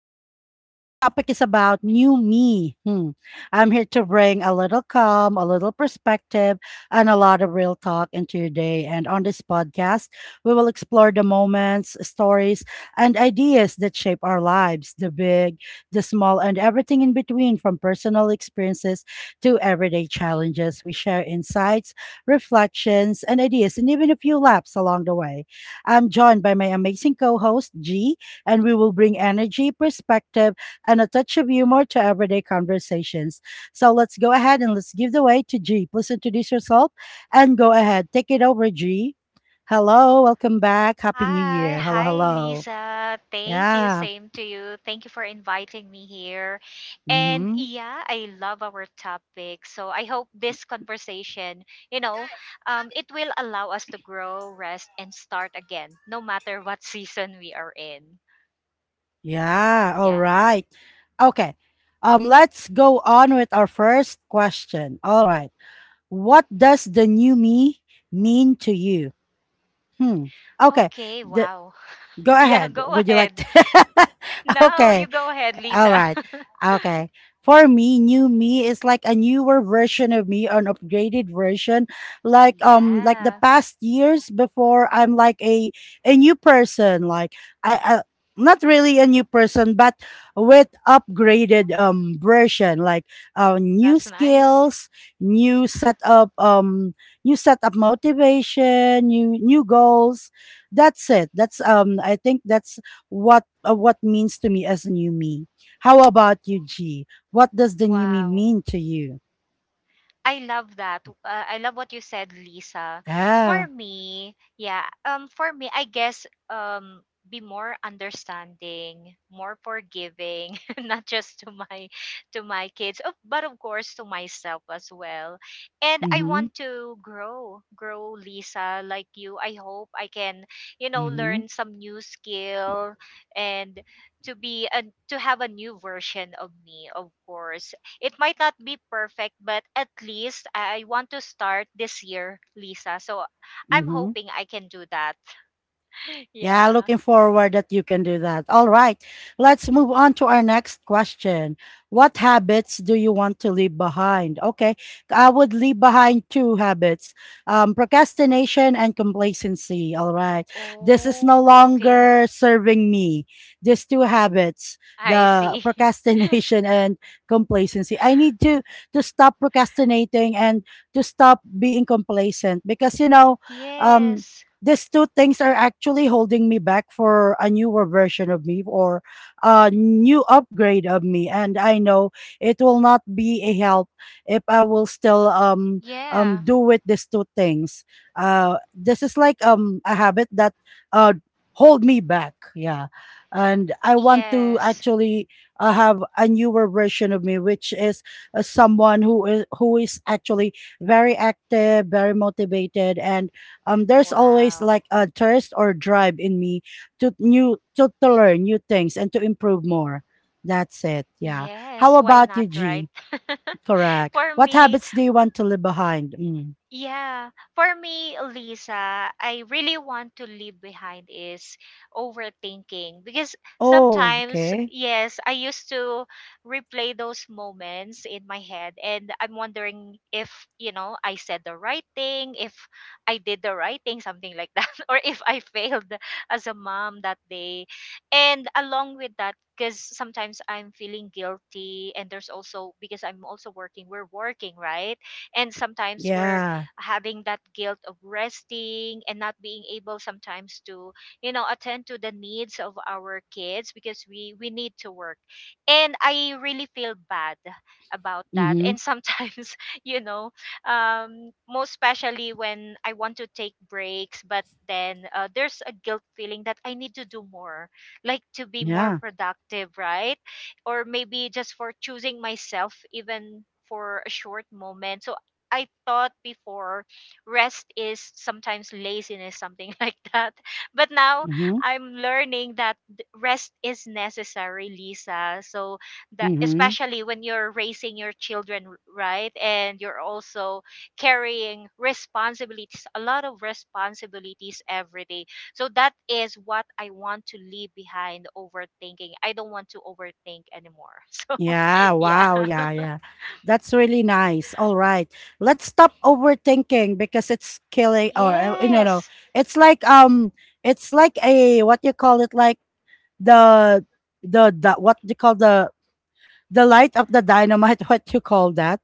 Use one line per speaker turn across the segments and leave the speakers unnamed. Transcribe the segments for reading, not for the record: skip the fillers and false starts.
Lisa. Our topic is about new me. Hmm. I'm here to bring a little calm, a little perspective, and a lot of real talk into your day. And on this podcast, we will explore the moments, stories, and ideas that shape our lives, the big, the small, and everything in between, from personal experiences to everyday challenges. We share insights, reflections, and ideas, and even a few laps along the way. I'm joined by my amazing co host, G, and we will bring energy, perspective, and a touch of humor to everyday conversations. So let's go ahead and let's give the way to G. Please introduce yourself and go ahead. Take it over, G. Hello, welcome back. Happy New
Hi,
Year. Hello,
hi
hello.
Lisa. Thank you.
Yeah.
Same to you. Thank you for inviting me here. And
Mm-hmm.
yeah, I love our topic. So I hope this conversation, you know, it will allow us to grow, rest, and start again, no matter what season we are in.
Yeah. All
Yeah.
right. Okay. Let's go on with our first question. All right. What does the new me mean to you? Hmm. Okay.
Okay.
The,
Wow.
Go
Yeah.
ahead.
Go
Would you like
ahead.
to?
No,
Okay.
you go ahead,
All
Lisa.
right. Okay. For me, new me is like a newer version of me, an upgraded version. Like the
Yeah.
past years before, I'm like a new person. Like I not really a new person, but with upgraded version. Like new
That's nice.
skills, new setup, um, new setup motivation, new goals. That's it. That's I think that's what means to me as new me. How about you, G? What does the new me
Wow.
mean to you?
I love that. I love what you said, Lisa. For
Yeah.
me, yeah, um for me, I guess be more understanding, more forgiving, not just to my kids, but of course to myself as well. And I
Mm-hmm.
want to grow Lisa like you. I hope I can, you know,
Mm-hmm.
learn some new skill and to be a, to have a new version of me, of course it might not be perfect, but at least I want to start this year, Lisa. So I'm
Mm-hmm.
hoping I can do that.
Yeah,
Yeah.
looking forward that you can do that. All right. Let's move on to our next question. What habits do you want to leave behind? Okay. I would leave behind two habits. Procrastination and complacency. All right. This is no
Oh, okay.
longer serving me. These two habits,
I
the
see.
procrastination, and complacency. I need to stop procrastinating and to stop being complacent, because um
Yes.
these two things are actually holding me back for a newer version of me or a new upgrade of me. And I know it will not be a help if I will still
Yeah.
do with these two things. Uh this is like a habit that uh hold me back, yeah. And I want to
Yes.
actually have a newer version of me, which is someone who is actually very active, very motivated, and there's always
Wow.
like a thirst or drive in me to learn new things and to improve more. That's it, yeah. How
Yes, why
about you,
not, right?
G? Correct.
For
What
me,
habits do you want to leave behind? Mm.
Yeah, for me, Lisa, I really want to leave behind is overthinking because
Oh,
sometimes,
okay.
yes, I used to replay those moments in my head and I'm wondering if I said the right thing, if I did the right thing, something like that, or if I failed as a mom that day. And along with that, because sometimes I'm feeling guilty and there's also because I'm also working, we're working, right? And sometimes we're
Yeah.
having that guilt of resting and not being able sometimes to attend to the needs of our kids because we need to work. And I really feel bad about that,
Mm-hmm.
and sometimes you know most especially when I want to take breaks, but then there's a guilt feeling that I need to do more, like to be more
Yeah.
productive, right? Or maybe just for choosing myself even for a short moment. So I thought before rest is sometimes laziness, something like that. But now
Mm-hmm.
I'm learning that rest is necessary, Lisa. So that,
Mm-hmm.
especially when you're raising your children, right? And you're also carrying responsibilities, a lot of responsibilities every day. So that is what I want to leave behind, overthinking. I don't want to overthink anymore. So
Yeah,
yeah.
wow. Yeah, yeah. That's really nice. All right. Let's stop overthinking, because it's killing, or no, no,
Yes.
it's like, it's like a, what you call it, like the the what you call the light of the dynamite, what you call that,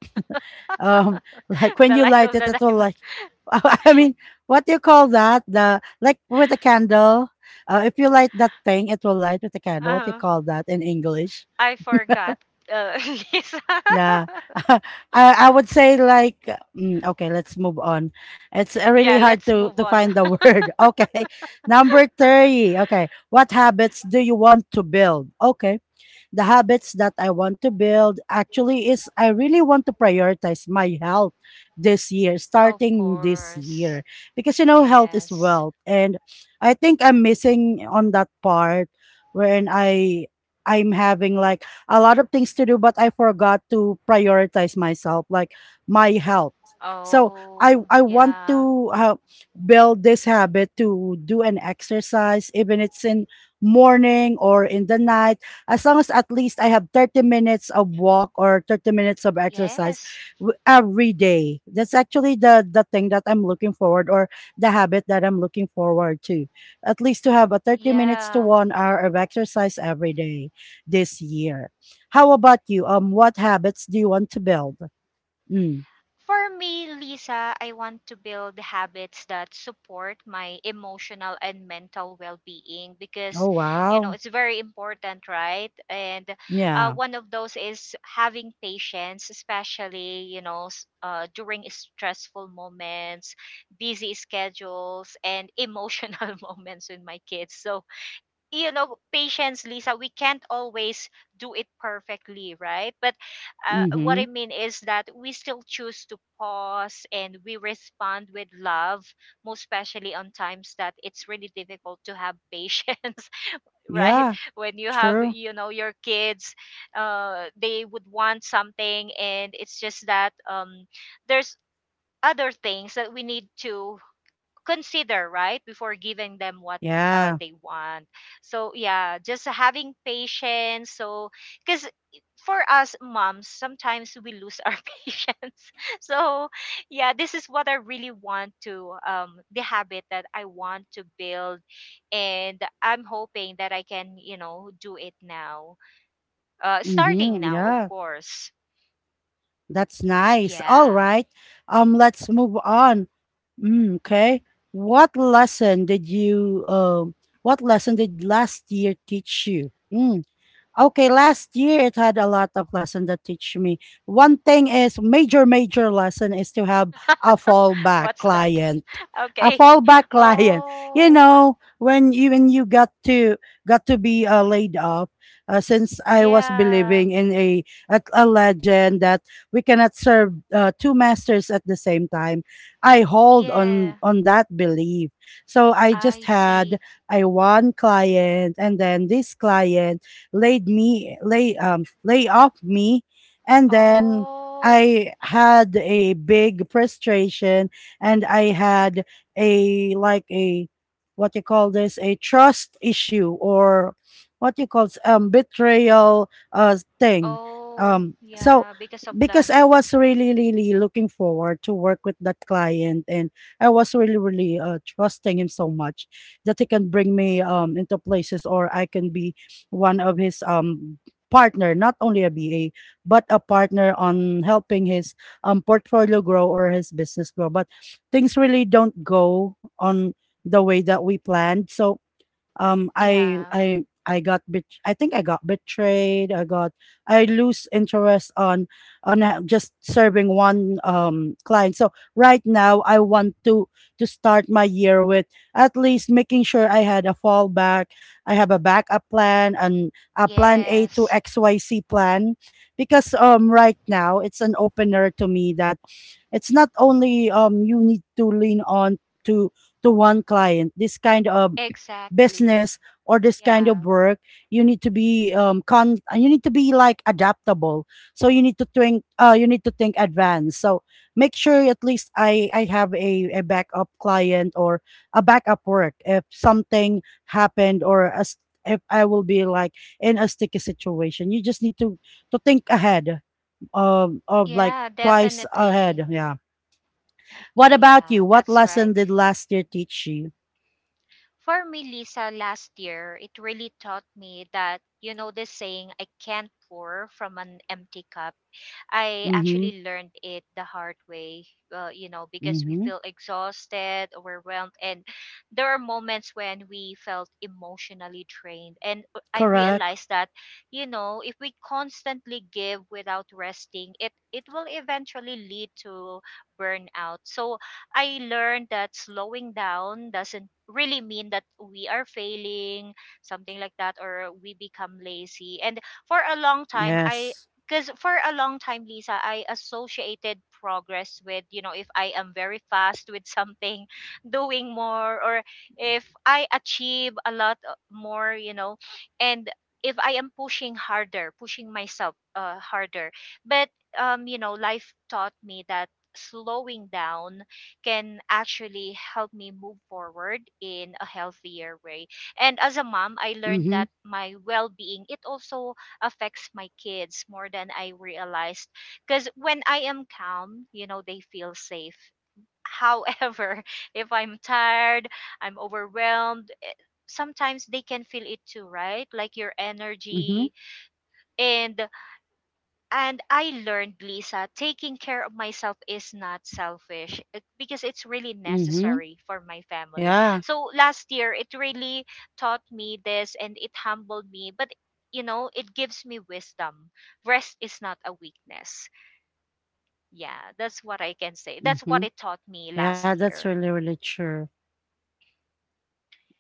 um like when
The
you
light
light
of
it
the
it will
diamond.
like. I mean, what do you call that, the like with a candle, if you light that thing, it will light with a candle. What do you
uh
call that in English?
I forgot, uh, Lisa.
Yeah. I would say, like, okay, let's move on. It's really
Yeah,
hard
let's
to
move
to
on.
find the word. Okay. Number 30. Okay, what habits do you want to build? Okay, the habits that I want to build actually is, I really want to prioritize my health this year,
Of
starting this
course.
year. Because health is
Yes.
wealth. And I think I'm missing on that part, wherein I'm having like a lot of things to do, but I forgot to prioritize myself, like my health. So I
Oh,
I want
yeah.
to build this habit to do an exercise, even it's in morning or in the night, as long as at least I have 30 minutes of walk or 30 minutes of exercise
Yes.
every day. That's actually the thing that I'm looking forward, or the habit that I'm looking forward to. At least to have a 30 minutes to
Yeah.
1 hour of exercise every day this year. How about you? What habits do you want to build? Mm.
For me, Lisa, I want to build habits that support my emotional and mental well-being because
Oh
you know
wow.
it's very important, right? And
Yeah.
one of those is having patience, especially during stressful moments, busy schedules, and emotional moments with my kids. So patience Lisa, we can't always do it perfectly, right? But what I
Mhm.
mean is that we still choose to pause and we respond with love, most especially on times that it's really difficult to have patience, right?
Yeah.
When you have
True.
you know your kids they would want something, and it's just that there's other things that we need to consider, right, before giving them what
Yeah.
they want. So yeah, just having patience. So because for us moms sometimes we lose our patience. So yeah, this is what I really want to, the habit that I want to build, and I'm hoping that I can do it now, starting
Mhm.
now, of
Yeah.
course.
That's nice. All
Yeah.
right. Let's move on. Okay. What lesson did you um what lesson did last year teach you? Okay, last year it had a lot of lesson that teach me. One thing is, major, major lesson is to have a fallback
What's that?
client. A
Okay.
fallback client.
Oh,
When you got to be laid off, since I was
yeah,
believing in a legend that we cannot serve two masters at the same time, I hold on
yeah.
on that belief. So I just
I
had
see.
a one client, and then this client laid me lay lay off me. And then
Oh,
I had a big frustration, and I had, a, like, a what you call this, a trust issue, or what you call betrayal thing.
oh,
So
yeah, because of that.
because I was really, really looking forward to work with that client, and I was really, really trusting him so much that he can bring me into places, or I can be one of his partner, not only a BA, but a partner on helping his portfolio grow, or his business grow. But things really don't go on the way that we planned. So
Yeah,
I think I got betrayed. I lose interest on just serving one client. So right now I want to start my year with at least making sure I had a fallback. I have a backup plan, and a plan A to
yes,
XYZ plan, because right now it's an opener to me that it's not only, you need to lean on to one client, this kind of
exactly.
business or this kind of
Yeah,
work. You need to be con you need to be like adaptable. So you need to think you need to think advanced. So make sure at least I have a backup client, or a backup work if something happened, or as if I will be like in a sticky situation. You just need to think ahead, of like
yeah,
twice
definitely.
ahead, yeah. What about
Yeah,
you? What
that's
lesson
right.
did last year teach you?
For me, Lisa, last year, it really taught me that the saying, I can't pour from an empty cup. I
Mm-hmm.
actually learned it the hard way, because we
Mm-hmm.
feel exhausted, overwhelmed, and there are moments when we felt emotionally drained. And I realized
Correct.
that, if we constantly give without resting, it will eventually lead to burnout. So I learned that slowing down doesn't really mean that we are failing, something like that, or we become lazy. And for a long time I
Yes.
because for a long time Lisa I associated progress with, if I am very fast with something, doing more, or if I achieve a lot more, and if I am pushing harder, pushing myself harder. But life taught me that slowing down can actually help me move forward in a healthier way. And as a mom I learned that
Mhm,
my well-being, it also affects my kids more than I realized. Because when I am calm, they feel safe. However, if I'm tired, I'm overwhelmed, sometimes they can feel it too, right? Like your energy.
mhm,
And and I learned, Lisa, taking care of myself is not selfish, because it's really necessary for my
mhm.
family. So
Yeah,
last year, it really taught me this and it humbled me. But it gives me wisdom. Rest is not a weakness. Yeah, that's what I can say. That's what
mhm.
it taught me
Yeah,
last
that's
year.
really, really true.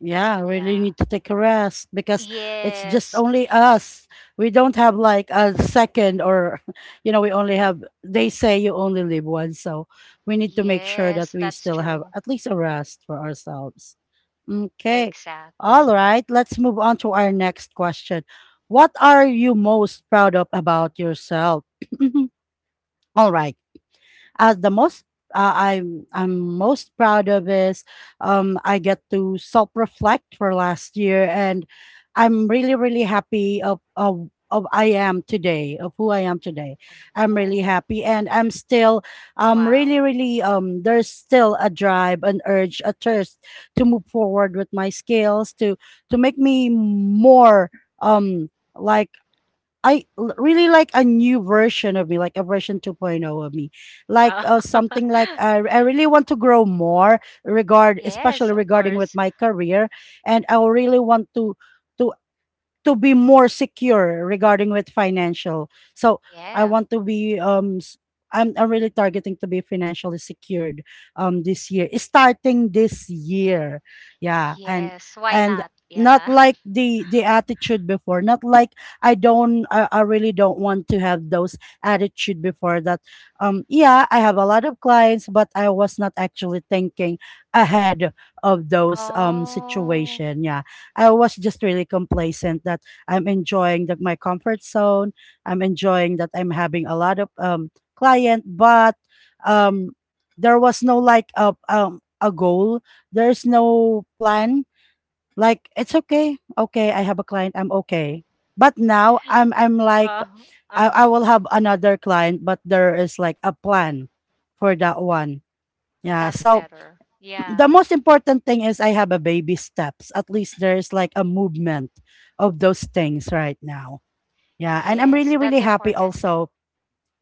Yeah, really
Yeah.
need to take a rest, because it's just
Yes.
only us. We don't have like a second, or, we only have, they say you only live once. So we need to make sure that
Yes,
we
that's
still have
true.
at least a rest for ourselves. Okay. All
Exactly.
right. Let's move on to our next question. What are you most proud of about yourself? All right. The most I'm most proud of is, I get to self reflect for last year, and I'm really, really happy of who I am today. I'm really
Oh,
happy, and I'm still
wow.
really really there's still a drive, an urge, a thirst to move forward with my skills, to make me more, um like, really like a new version of me, like a version 2.0 of me, like
Uh,
something, like I really want to grow
Yes,
especially
of
regarding with
course.
my career, and I really want to to be more secure regarding with financial. So I
Yeah.
want to be I'm really targeting to be financially secured this year. Starting this year. Yeah. And
Yes, why
and
not?
not
Yeah.
like the attitude before, not like I don't I really don't want to have those attitude before that, yeah, I have a lot of clients, but I was not actually thinking ahead of those
Oh.
situation, yeah. I was just really complacent that I'm enjoying that my comfort zone. I'm enjoying that I'm having a lot of client, but um there was no, like, a goal. There's no plan. Like, it's okay, okay, I have a client, I'm okay. But now I'm like,
Uh,
I,
uh-huh.
I will have another client, but there is like a plan for that one. Yeah.
That's
So
better.
the
Yeah.
most important thing is, I have a baby steps. At least there's like a movement of those things right now. Yeah, and I'm
Yes,
really, really
that's
happy
important.
also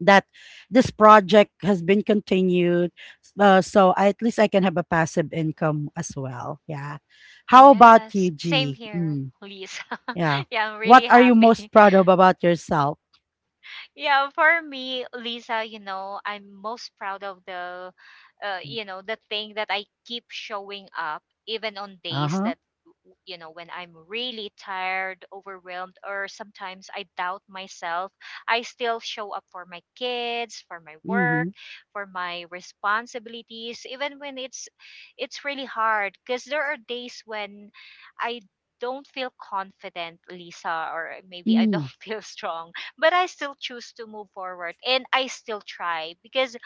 that this project has been continued. So at least I can have a passive income as well. Yeah. How about
Yes,
you,
same
G?
here,
Mm,
Lisa.
yeah.
Yeah, I'm really
What are you most
happy.
proud of about yourself?
Yeah, for me Lisa, I'm most proud of the the thing that I keep showing up even on
Uh
days
huh.
that, when I'm really tired, overwhelmed, or sometimes I doubt myself. I still show up for my kids, for my
Mm-hmm.
work, for my responsibilities, even when it's really hard, because there are days when I don't feel confident Lisa, or maybe I don't
Mm,
feel strong. But I still choose to move forward and I still try, because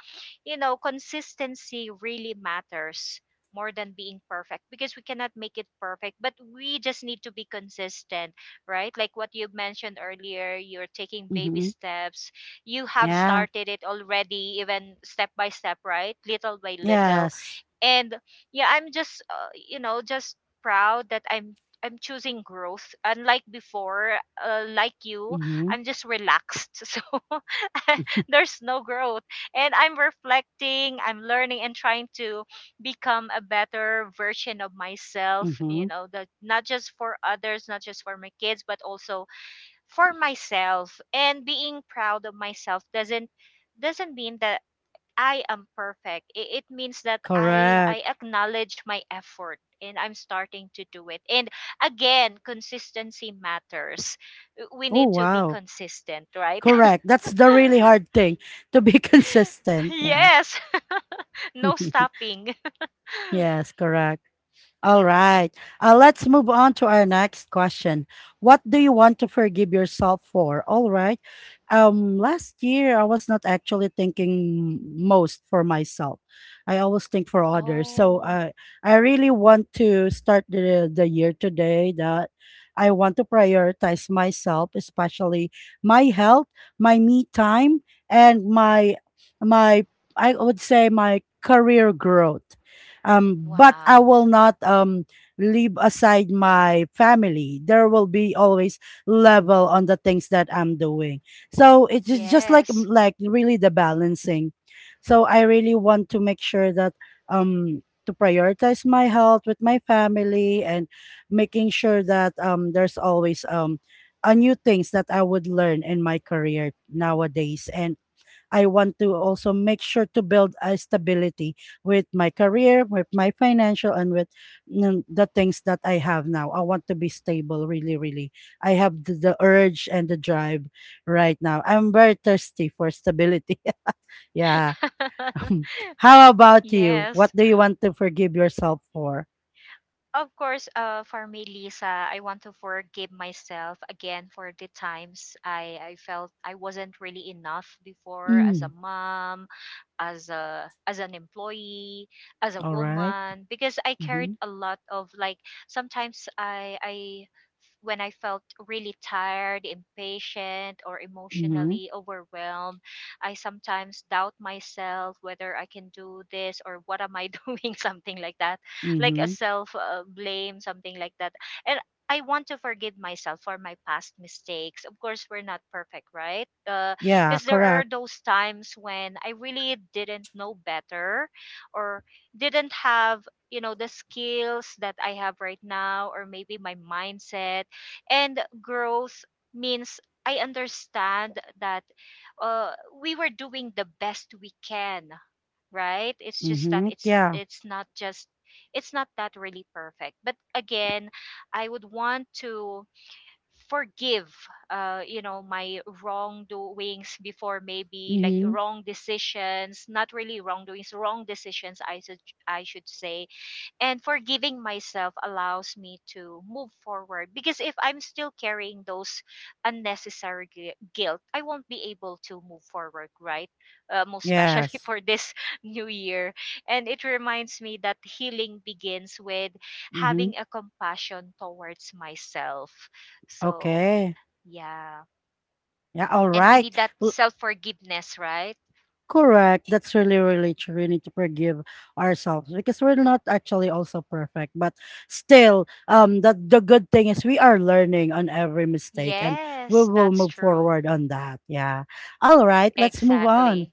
you know consistency really matters more than being perfect, because we cannot make it perfect, but we just need to be consistent, right? Like what you mentioned earlier, you're taking baby
mm-hmm.
steps. You have
Yeah.
started it already, even step by step, right, little by little.
Yes.
And yeah, I'm just just proud that I'm choosing growth, unlike before, like you,
Mm-hmm.
I'm just relaxed. So there's no growth. And I'm reflecting, I'm learning, and trying to become a better version of myself
Mm-hmm.
you know that not just for others, not just for my kids, but also for myself. And being proud of myself doesn't mean that I am perfect. It means that I
Correct.
acknowledge my effort and I'm starting to do it. And again, consistency matters. We
Oh
need to be
wow.
consistent, right?
Correct. That's the really hard thing to be consistent. Yeah.
Yes, no stopping.
Yes, correct. All right. Let's move on to our next question. What do you want to forgive yourself for? All right. Last year, I was not actually thinking most for myself. I always think for others. So
Oh,
I really want to start the year today that I want to prioritize myself, especially my health, my me time, and my I would say my career growth but I
wow.
will not leave aside my family. There will be always level on the things that I'm doing. So it's just like
Yes.
like really the balancing. So I really want to make sure that to prioritize my health with my family and making sure that there's always a new things that I would learn in my career nowadays. I want to also make sure to build a stability with my career, with my financial, and with the things that I have now. I want to be stable, really, really. I have the urge and the drive right now. I'm very thirsty for stability. Yeah. How about you?
Yes.
What do you want to forgive yourself for?
Of course, for me, Lisa, I want to forgive myself again for the times I felt I wasn't really enough before, as a
Mm,
mom, as a as an employee, as a
all right.
woman, because I carried
Mm-hmm.
a lot of, like, sometimes I when I felt really tired, impatient, or
Mm-hmm.
emotionally overwhelmed, I sometimes doubt myself whether I can do this, or what am I doing, something like that, like a
Mm-hmm.
self blame, something like that. And I want to forgive myself for my past mistakes. Of course, we're not perfect, right?
Yeah,
Because there are
correct.
those times when I really didn't know better, or didn't have the skills that I have right now, or maybe my mindset and growth means I understand that, uh, we were doing the best we can, right? It's just that
Mm-hmm.
it's
Yeah.
it's not just, it's not that really perfect. But again, I would want to forgive, my wrongdoings before, maybe like
Mm-hmm.
wrong decisions, not really wrongdoings, wrong decisions, I should say. And forgiving myself allows me to move forward, because if I'm still carrying those unnecessary guilt, I won't be able to move forward, right? Most especially
Yes.
for this new year. And it reminds me that healing begins with
Mm-hmm.
having a compassion towards myself. So
Okay.
yeah,
Yeah, all
and we
right.
need that
L-
self forgiveness, right?
Correct. That's really, really true. We need to forgive ourselves because we're not actually also perfect. But still, the good thing is we are learning on every mistake, and we
Yes,
will
that's
move
true.
forward on that. Yeah. All right. Let's move
Exactly.
on.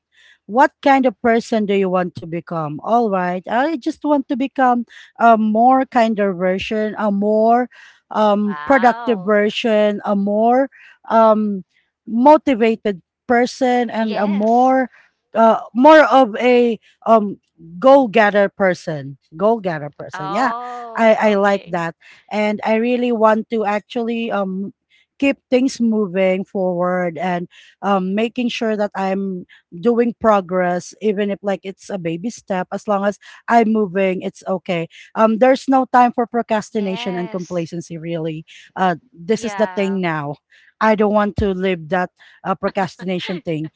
What kind of person do you want to become? All right, I just want to become a more kinder version, a more productive
Wow.
version, a more um, motivated person, and a
Yes.
more more of a um, goal getter person. Goal getter person. Yeah, I
Oh,
I like
okay.
that, and I really want to actually keep things moving forward and making sure that I'm doing progress even if like it's a baby step as long as I'm moving, it's okay. Um, there's no time for procrastination and
Yes.
complacency, really. This is the thing
Yeah.
now. I don't want to live that procrastination thing.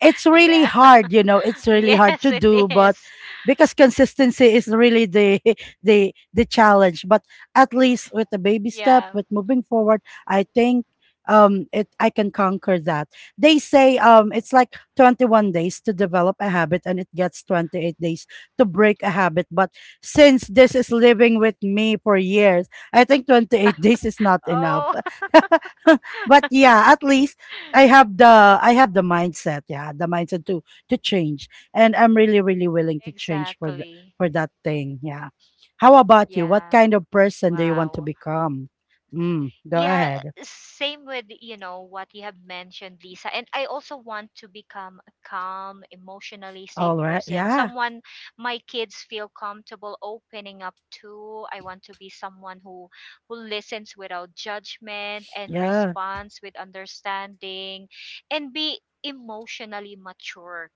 It's really
Yeah.
hard, you know, it's really hard
Yes,
to
it
do. But
is.
because consistency is really the the challenge, but at least with the baby step,
Yeah.
with moving forward, I think it I can conquer that. They say it's like 21 days to develop a habit and it gets 28 days to break a habit. But since this is living with me for years, I think 28 days is not enough.
Oh.
But yeah, at least I have the mindset, yeah, the mindset to change, and I'm really really willing to change for
Exactly.
for that thing, yeah. How about you? What
Yeah.
kind of person do you want to
Wow.
become? Mm, go
Yeah,
ahead.
same with what you have mentioned, Lisa. And I also want to become a calm, emotionally safe
All right,
person,
yeah,
someone my kids feel comfortable opening up to. I want to be someone who listens without judgment and
yeah,
responds with understanding, and be emotionally mature.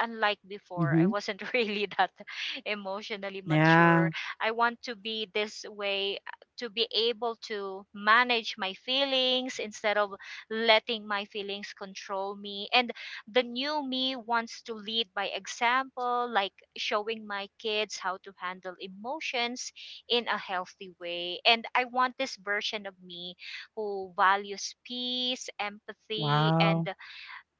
Unlike before, I
mm-hmm.
wasn't really that emotionally
Yeah.
mature. I want to be this way to be able to manage my feelings instead of letting my feelings control me, and the new me wants to lead by example, like showing my kids how to handle emotions in a healthy way. And I want this version of me who values peace, empathy
Wow,
and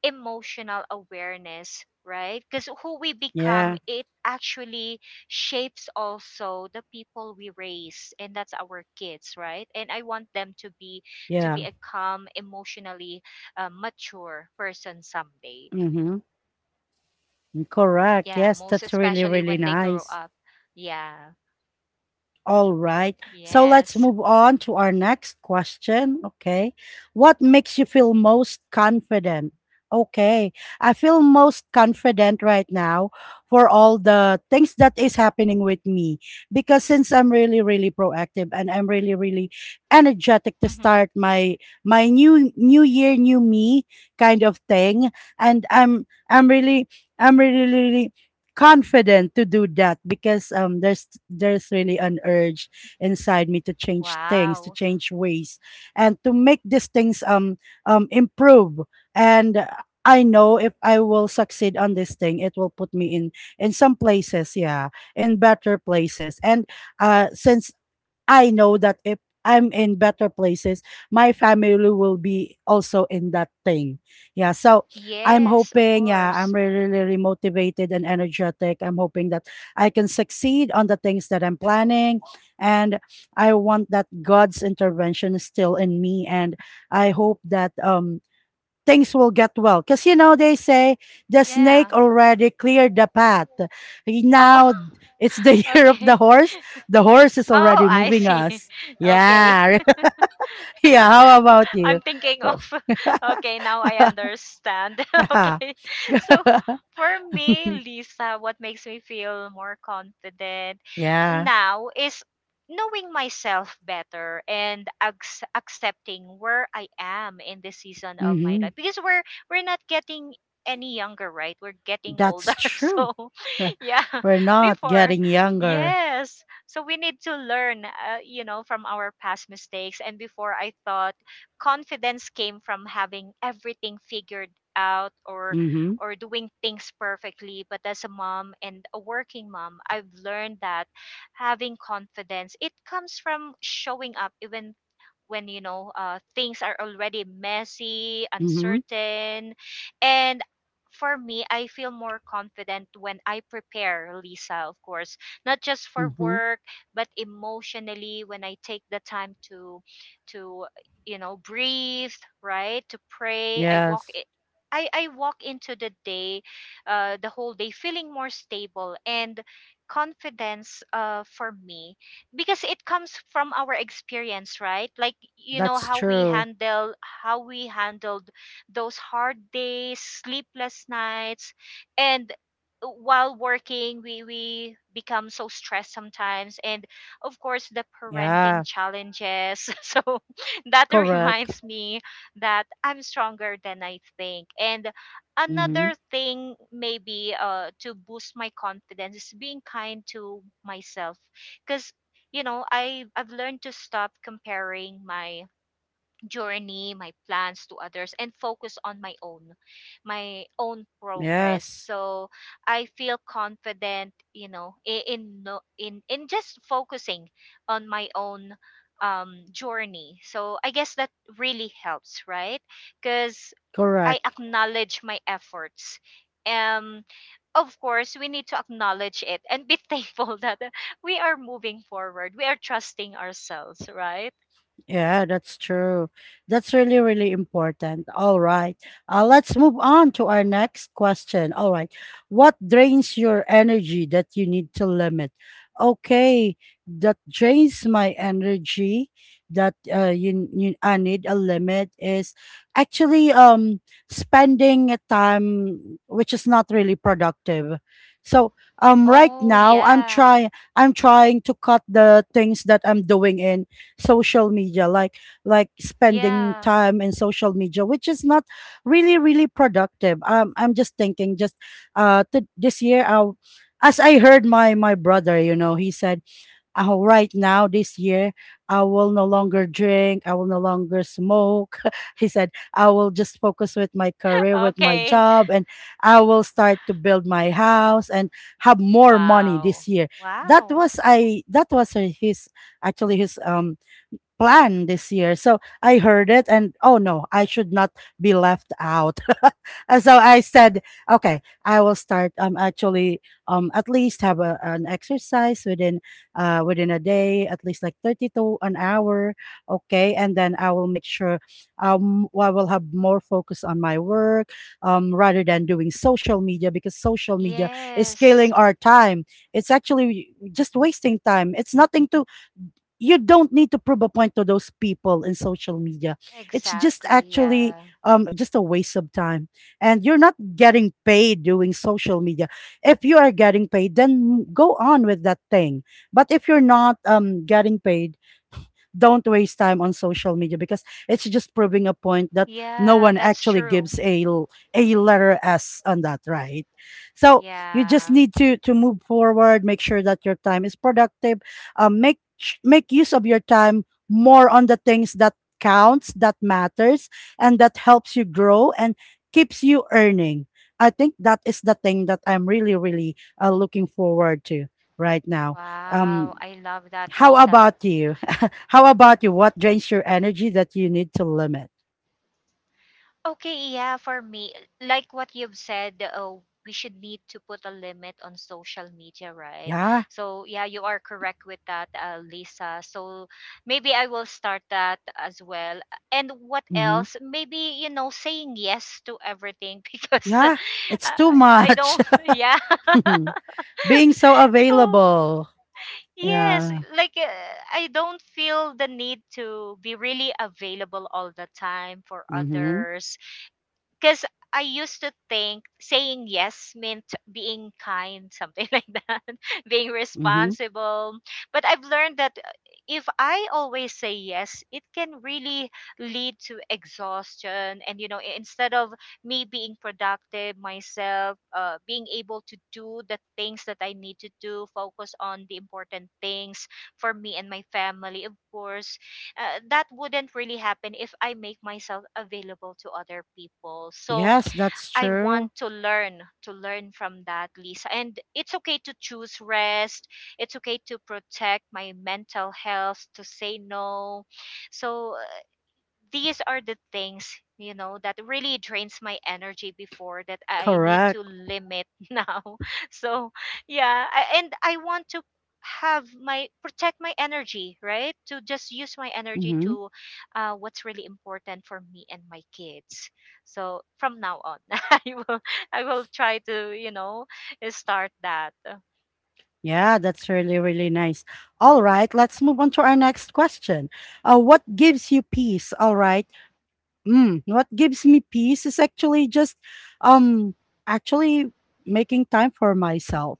emotional awareness, right? Because who we become,
yeah,
it actually shapes also the people we raise, and that's our kids, right? And I want them to
yeah.
be a calm, emotionally mature person someday.
Mm-hmm. Correct.
Yeah,
Yes,
most
that's really
especially
really
when they grow
nice.
up. Yeah,
All right. So let's
yes.
move on to our next question. Okay. What makes you feel most confident? Okay. I feel most confident right now for all the things that is happening with me because since I'm really really proactive and I'm really really energetic to
Mm-hmm.
start my new new year new me kind of thing. And I'm really I'm really really confident to do that because there's really an urge inside me to change things, to
Wow.
change ways, and to make these things improve. And I know if I will succeed on this thing, it will put me in some places, yeah, in better places. And since I know that if I'm in better places, my family will be also in that thing. Yeah. So I'm
Yes, of
hoping, yeah, I'm
course.
really, really motivated and energetic. I'm hoping that I can succeed on the things that I'm planning. And I want that God's intervention is still in me. And I hope that things will get well. Because, you know, they say the
Yeah.
snake already cleared the path.
Oh.
Now it's the year of the
Okay.
horse. The horse is
Oh,
already
I
moving
see.
us.
Okay.
Yeah. Yeah. How about you?
I'm thinking of
Well,
okay, now I understand.
yeah.
Okay. So for me, Lisa, what makes me feel more confident
Yeah.
now is knowing myself better and accepting where I am in this season of my
Hmm.
life, because we're not getting any younger, right? We're getting older.
That's true.
So,
Uh,
yeah,
We're not
before,
getting younger.
yes. So we need to learn, you know, from our past mistakes. And before, I thought confidence came from having everything figured out,
Mm-hmm.
or doing things perfectly. But as a mom and a working mom, I've learned that having confidence, it comes from showing up even when, you know, things are already messy,
Mm-hmm.
uncertain. And for me, I feel more confident when I prepare, Lisa, of course, not just for
Mm-hmm.
work, but emotionally, when I take the time to you know, breathed, right, to pray. I walk
Yes.
it. I walk into the day, the whole day, feeling more stable. And confidence, for me, because it comes from our experience, right? Like, you know,
That's
how we
true.
handle, how we handled those hard days, sleepless nights, and while working, we become so stressed sometimes, and of course the parenting
Yeah.
challenges. So that
Correct.
reminds me that I'm stronger than I think. And
Mm-hmm.
another thing, maybe to boost my confidence, is being kind to myself. Because, you know, I've learned to stop comparing my journey, my plans, to others, and focus on my own progress.
Yes.
So I feel confident, you know, in no, in just focusing on my own journey. So I guess that really helps, right? Because I
Correct.
acknowledge my efforts. Um, of course, we need to acknowledge it and be thankful that we are moving forward. We are trusting ourselves, right?
Yeah, that's true. That's really, really important. All right. Let's move on to our next question. All right. What drains your energy that you need to limit? Okay. That drains my energy that you I need a limit is actually spending a time which is not really productive. So right
Oh,
now I'm
yeah.
trying I'm trying to cut the things that I'm doing in social media, like spending
Yeah.
time in social media which is not really really productive. I'm just thinking just this year I, as I heard my brother, you know, he said, oh right now this year I will no longer drink, I will no longer smoke, he said, I will just focus with my career, with my
Okay.
job, and I will start to build my house and have more money this
Wow.
year. That
Wow.
was I that was his actually his plan this year. So I heard it and oh no, I should not be left out. And so I said, okay, I will start actually at least have an exercise within within a day, at least like 30 to an hour, okay? And then I will make sure I will have more focus on my work rather than doing social media because social media is killing
Yes.
our time. It's actually just wasting time. It's nothing to you don't need to prove a point to those people in social media. It's just
Exactly.
actually
Yeah.
just a waste of time. And you're not getting paid doing social media. If you are getting paid, then go on with that thing. But if you're not getting paid, don't waste time on social media because it's just proving a point that no
Yeah,
one
that's
actually
true.
gives a letter s on that, right? So you just
Yeah.
need to move forward, make sure that your time is productive. Um, make make use of your time more on the things that counts, that matters, and that helps you grow and keeps you earning. I think that is the thing that I'm really really looking forward to right now.
Wow,
Um,
I love that,
how
Lisa.
about you? How about you? What drains your energy that you need to limit?
Okay. Yeah. For me, like what you've said, oh, we should need to put a limit on social media, right?
Yeah.
So, yeah, you are correct with that, Lisa. So, maybe I will start that as well. And what
Hmm.
else? Maybe, you know, saying yes to everything because
Yeah. It's
I
too
I
much.
don't yeah.
Being so
So,
available.
yes,
Yeah.
like I don't feel the need to be really available all the time for
Mm-hmm.
others. Because I used to think saying yes meant being kind, something like that, being
Mm-hmm.
responsible. But I've learned that if I always say yes, it can really lead to exhaustion. And, you know, instead of me being productive myself, being able to do the things that I need to do, focus on the important things for me and my family, of course, that wouldn't really happen if I make myself available to other people. So
Yes, that's
I
true.
want to learn from that, Lisa. And it's okay to choose rest. It's okay to protect my mental health, to say no. So these are the things, you know, that really drains my energy before that I need to
Correct.
limit now. So yeah, and I want to have my, protect my energy, right, to just use my energy
Mm-hmm.
to what's really important for me and my kids. So from now on I will I will try to, you know, start that.
Yeah, that's really, really nice. All right, let's move on to our next question. What gives you peace? All right. Mm, what gives me peace is actually just um actually making time for myself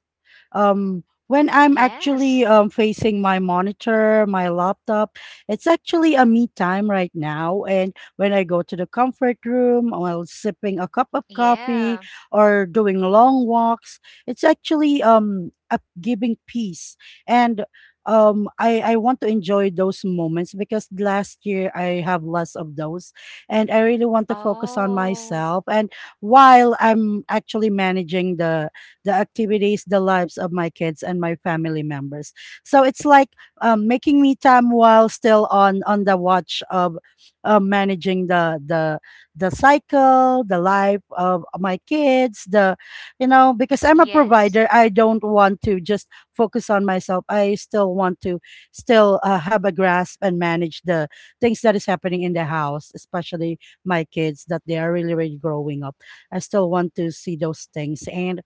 when I'm
Yes.
actually facing my monitor, my laptop. It's actually a me time right now. And when I go to the comfort room while sipping a cup of coffee
Yeah.
or doing long walks, it's actually up giving peace. And I want to enjoy those moments because last year I have less of those. And I really want to focus on
Oh,
myself and while I'm actually managing the activities, the lives of my kids and my family members. So it's like making me time while still on the watch of managing the cycle, the life of my kids, the you know because I'm a
yes.
provider, I don't want to just focus on myself. I still want to still have a grasp and manage the things that is happening in the house, especially my kids that they are really really growing up. I still want to see those things. And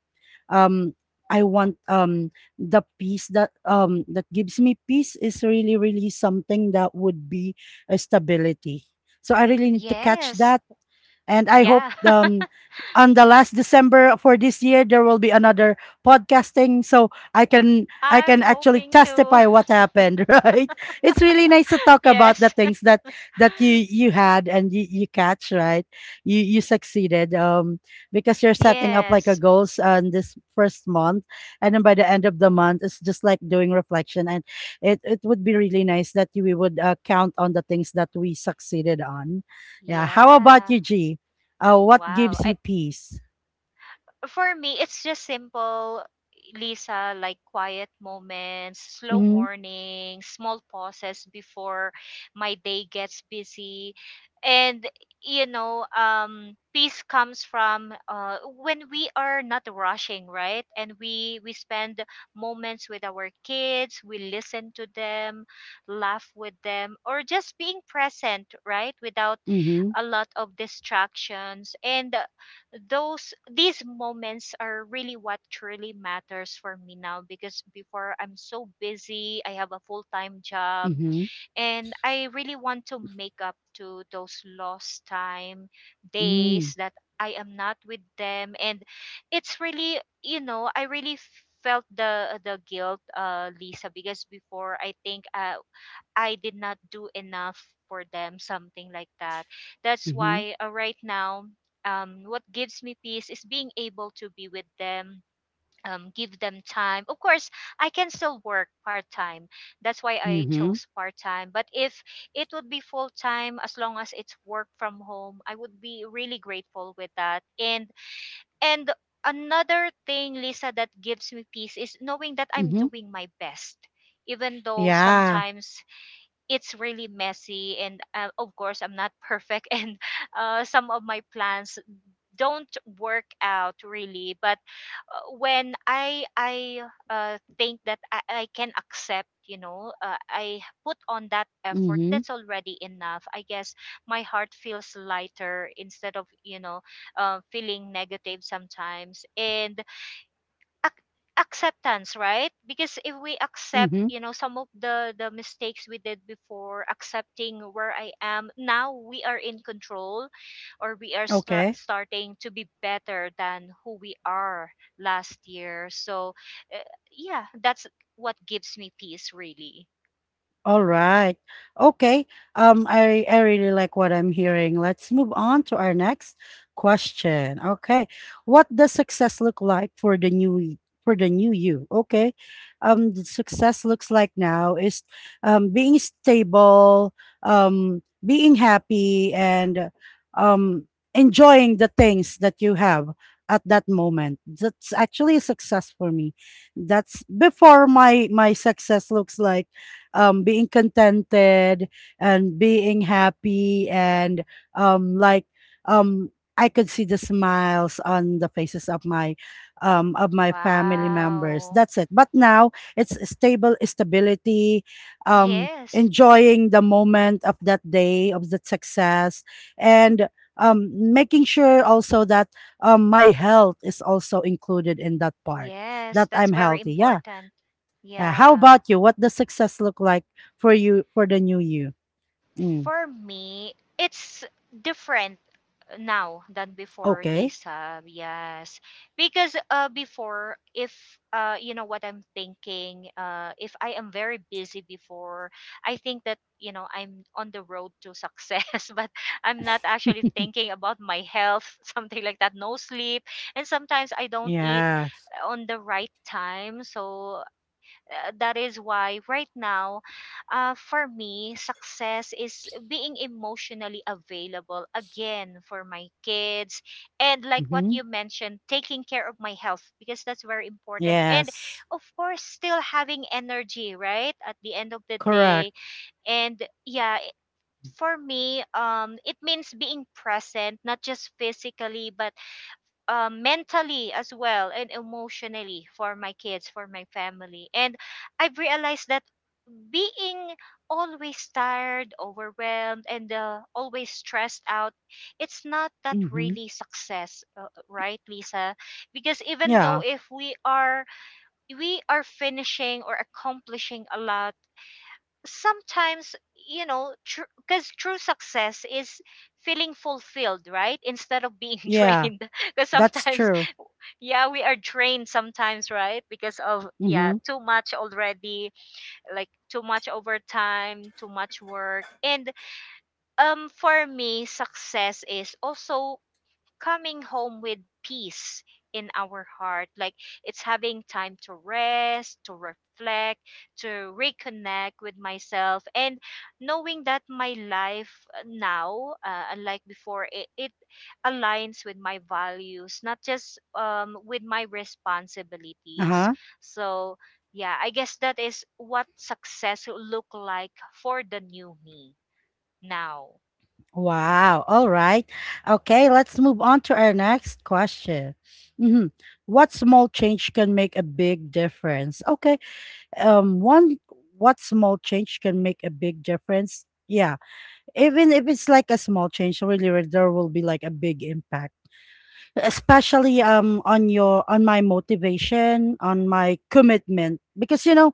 um I want the peace that that gives me peace is really really something that would be a stability. So I really need to catch
Yes.
that. And I hope
Yeah.
on the last December for this year there will be another podcasting, so I can I
I'm
can actually
hoping to.
testify what happened, right? It's really nice to talk about the
Yes.
things that that you had and you catch, right? You succeeded because you're setting up like a
Yes.
goals on this first month, and then by the end of the month it's just like doing reflection. And it would be really nice that we would count on the things that we succeeded on. Yeah, how about
Yeah.
you, G? What
Wow.
gives you peace?
For me, it's just simple, Lisa, like quiet moments, slow
Mm-hmm.
mornings, small pauses before my day gets busy. And you know, peace comes from when we are not rushing, right? And we spend moments with our kids, we listen to them, laugh with them, or just being present, right? Without
Mm-hmm.
a lot of distractions. And those, these moments are really what truly matters for me now, because before I'm so busy, I have a full-time job,
Mm-hmm.
and I really want to make up to those lost time,
Mm-hmm.
days that I am not with them. And it's really, you know, I really felt the guilt, uh, Lisa, because before I think I did not do enough for them, something like that. That's
Mm-hmm.
why right now, what gives me peace is being able to be with them, give them time. Of course, I can still work part time. That's why I
Mm-hmm.
chose part time. But if it would be full time, as long as it's work from home, I would be really grateful with that. And another thing, Lisa, that gives me peace is knowing that I'm
Mm-hmm.
doing my best, even though
Yeah.
sometimes it's really messy, and of course I'm not perfect and some of my plans don't work out really. But when I think that I can accept, you know, I put on that effort,
Mm-hmm.
that's already enough, I guess. My heart feels lighter instead of, you know, feeling negative sometimes. And ac- acceptance, right? Because if we accept,
Mm-hmm.
you know, some of the mistakes we did before, accepting where I am now, we are in control, or we are
Okay.
starting to be better than who we are last year. So uh, yeah, that's what gives me peace really.
All right. Okay. I really like what I'm hearing. Let's move on to our next question. Okay. What does success look like for the new you? Okay. The success looks like now is being stable, being happy, and um enjoying the things that you have at that moment. That's actually a success for me. That's before. My success looks like being contented and being happy, and um, like um, I could see the smiles on the faces of my family members.
Wow.
That's it. But now it's stable stability,
Yes.
enjoying the moment of that day, of that success, and making sure also that my health is also included in that part,
Yes,
that
that's
I'm
very
healthy. Yeah.
important.
Yeah, how
Yeah.
about you? What does success look like for you, for the new you? Mm.
For me, it's different now than before,
Okay.
Lisa. Yes. Because before, if you know what I'm thinking, if I am very busy before, I think that, you know, I'm on the road to success, but I'm not actually thinking about my health. Something like that, no sleep, and sometimes I don't eat
Yes.
on the right time. So that is why right now, for me, success is being emotionally available again for my kids. And like what
Mm-hmm.
you mentioned, taking care of my health because that's very important. And
Yes.
of course, still having energy, right? At the end of the
Correct.
day. And yeah, for me it means being present, not just physically, but mentally as well, and emotionally, for my kids, for my family. And I've realized that being always tired, overwhelmed, and always stressed out, it's not that
Mm-hmm.
really success, right, Lisa? Because even though
Yeah.
if we are we are finishing or accomplishing a lot, sometimes, you know, because true success is feeling fulfilled, right, instead of being
Yeah.
drained. Because
That's
sometimes,
true.
yeah, we are drained sometimes, right, because of, yeah,
Mm-hmm.
too much already, like too much overtime, too much work. And um, for me, success is also coming home with peace in our heart. Like, it's having time to rest, to reflect, to reconnect with myself, and knowing that my life now, unlike before, it aligns with my values, not just with my responsibilities.
Uh-huh.
So, yeah, I guess that is what success will look like for the new me now.
Wow. All right. Okay, let's move on to our next question. Mm-hmm. What small change can make a big difference? Okay. One, what small change can make a big difference? Yeah. Even if it's like a small change, really, there will be like a big impact, especially on your on my motivation, on my commitment. Because you know,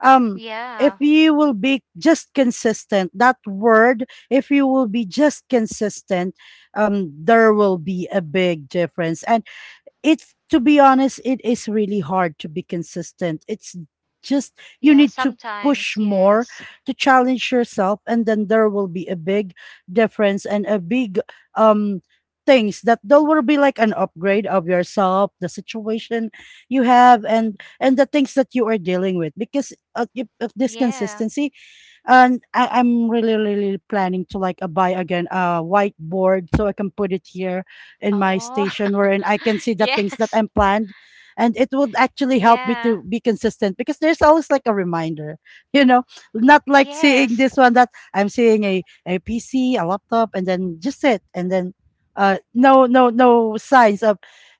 um, if
Yeah,
you will be just consistent, that word, if you will be just consistent, there will be a big difference. It's to be honest, it is really hard to be consistent. It's just you
yeah,
need to
sometimes,
push more,
yes.
to challenge yourself, and then there will be a big difference and a big um things, that there will be like an upgrade of yourself, the situation you have, and the things that you are dealing with. Because if this
Yeah.
consistency, and I, I'm really really planning to like buy again a whiteboard so I can put it here in my
Oh.
station, wherein I can see the things that
Yes.
I'm planned, and it would actually help me
Yeah.
to be consistent because there's always like a reminder, you know, not like seeing
Yes.
this one that I'm seeing, a PC, a laptop, and then just it, and then no signs of,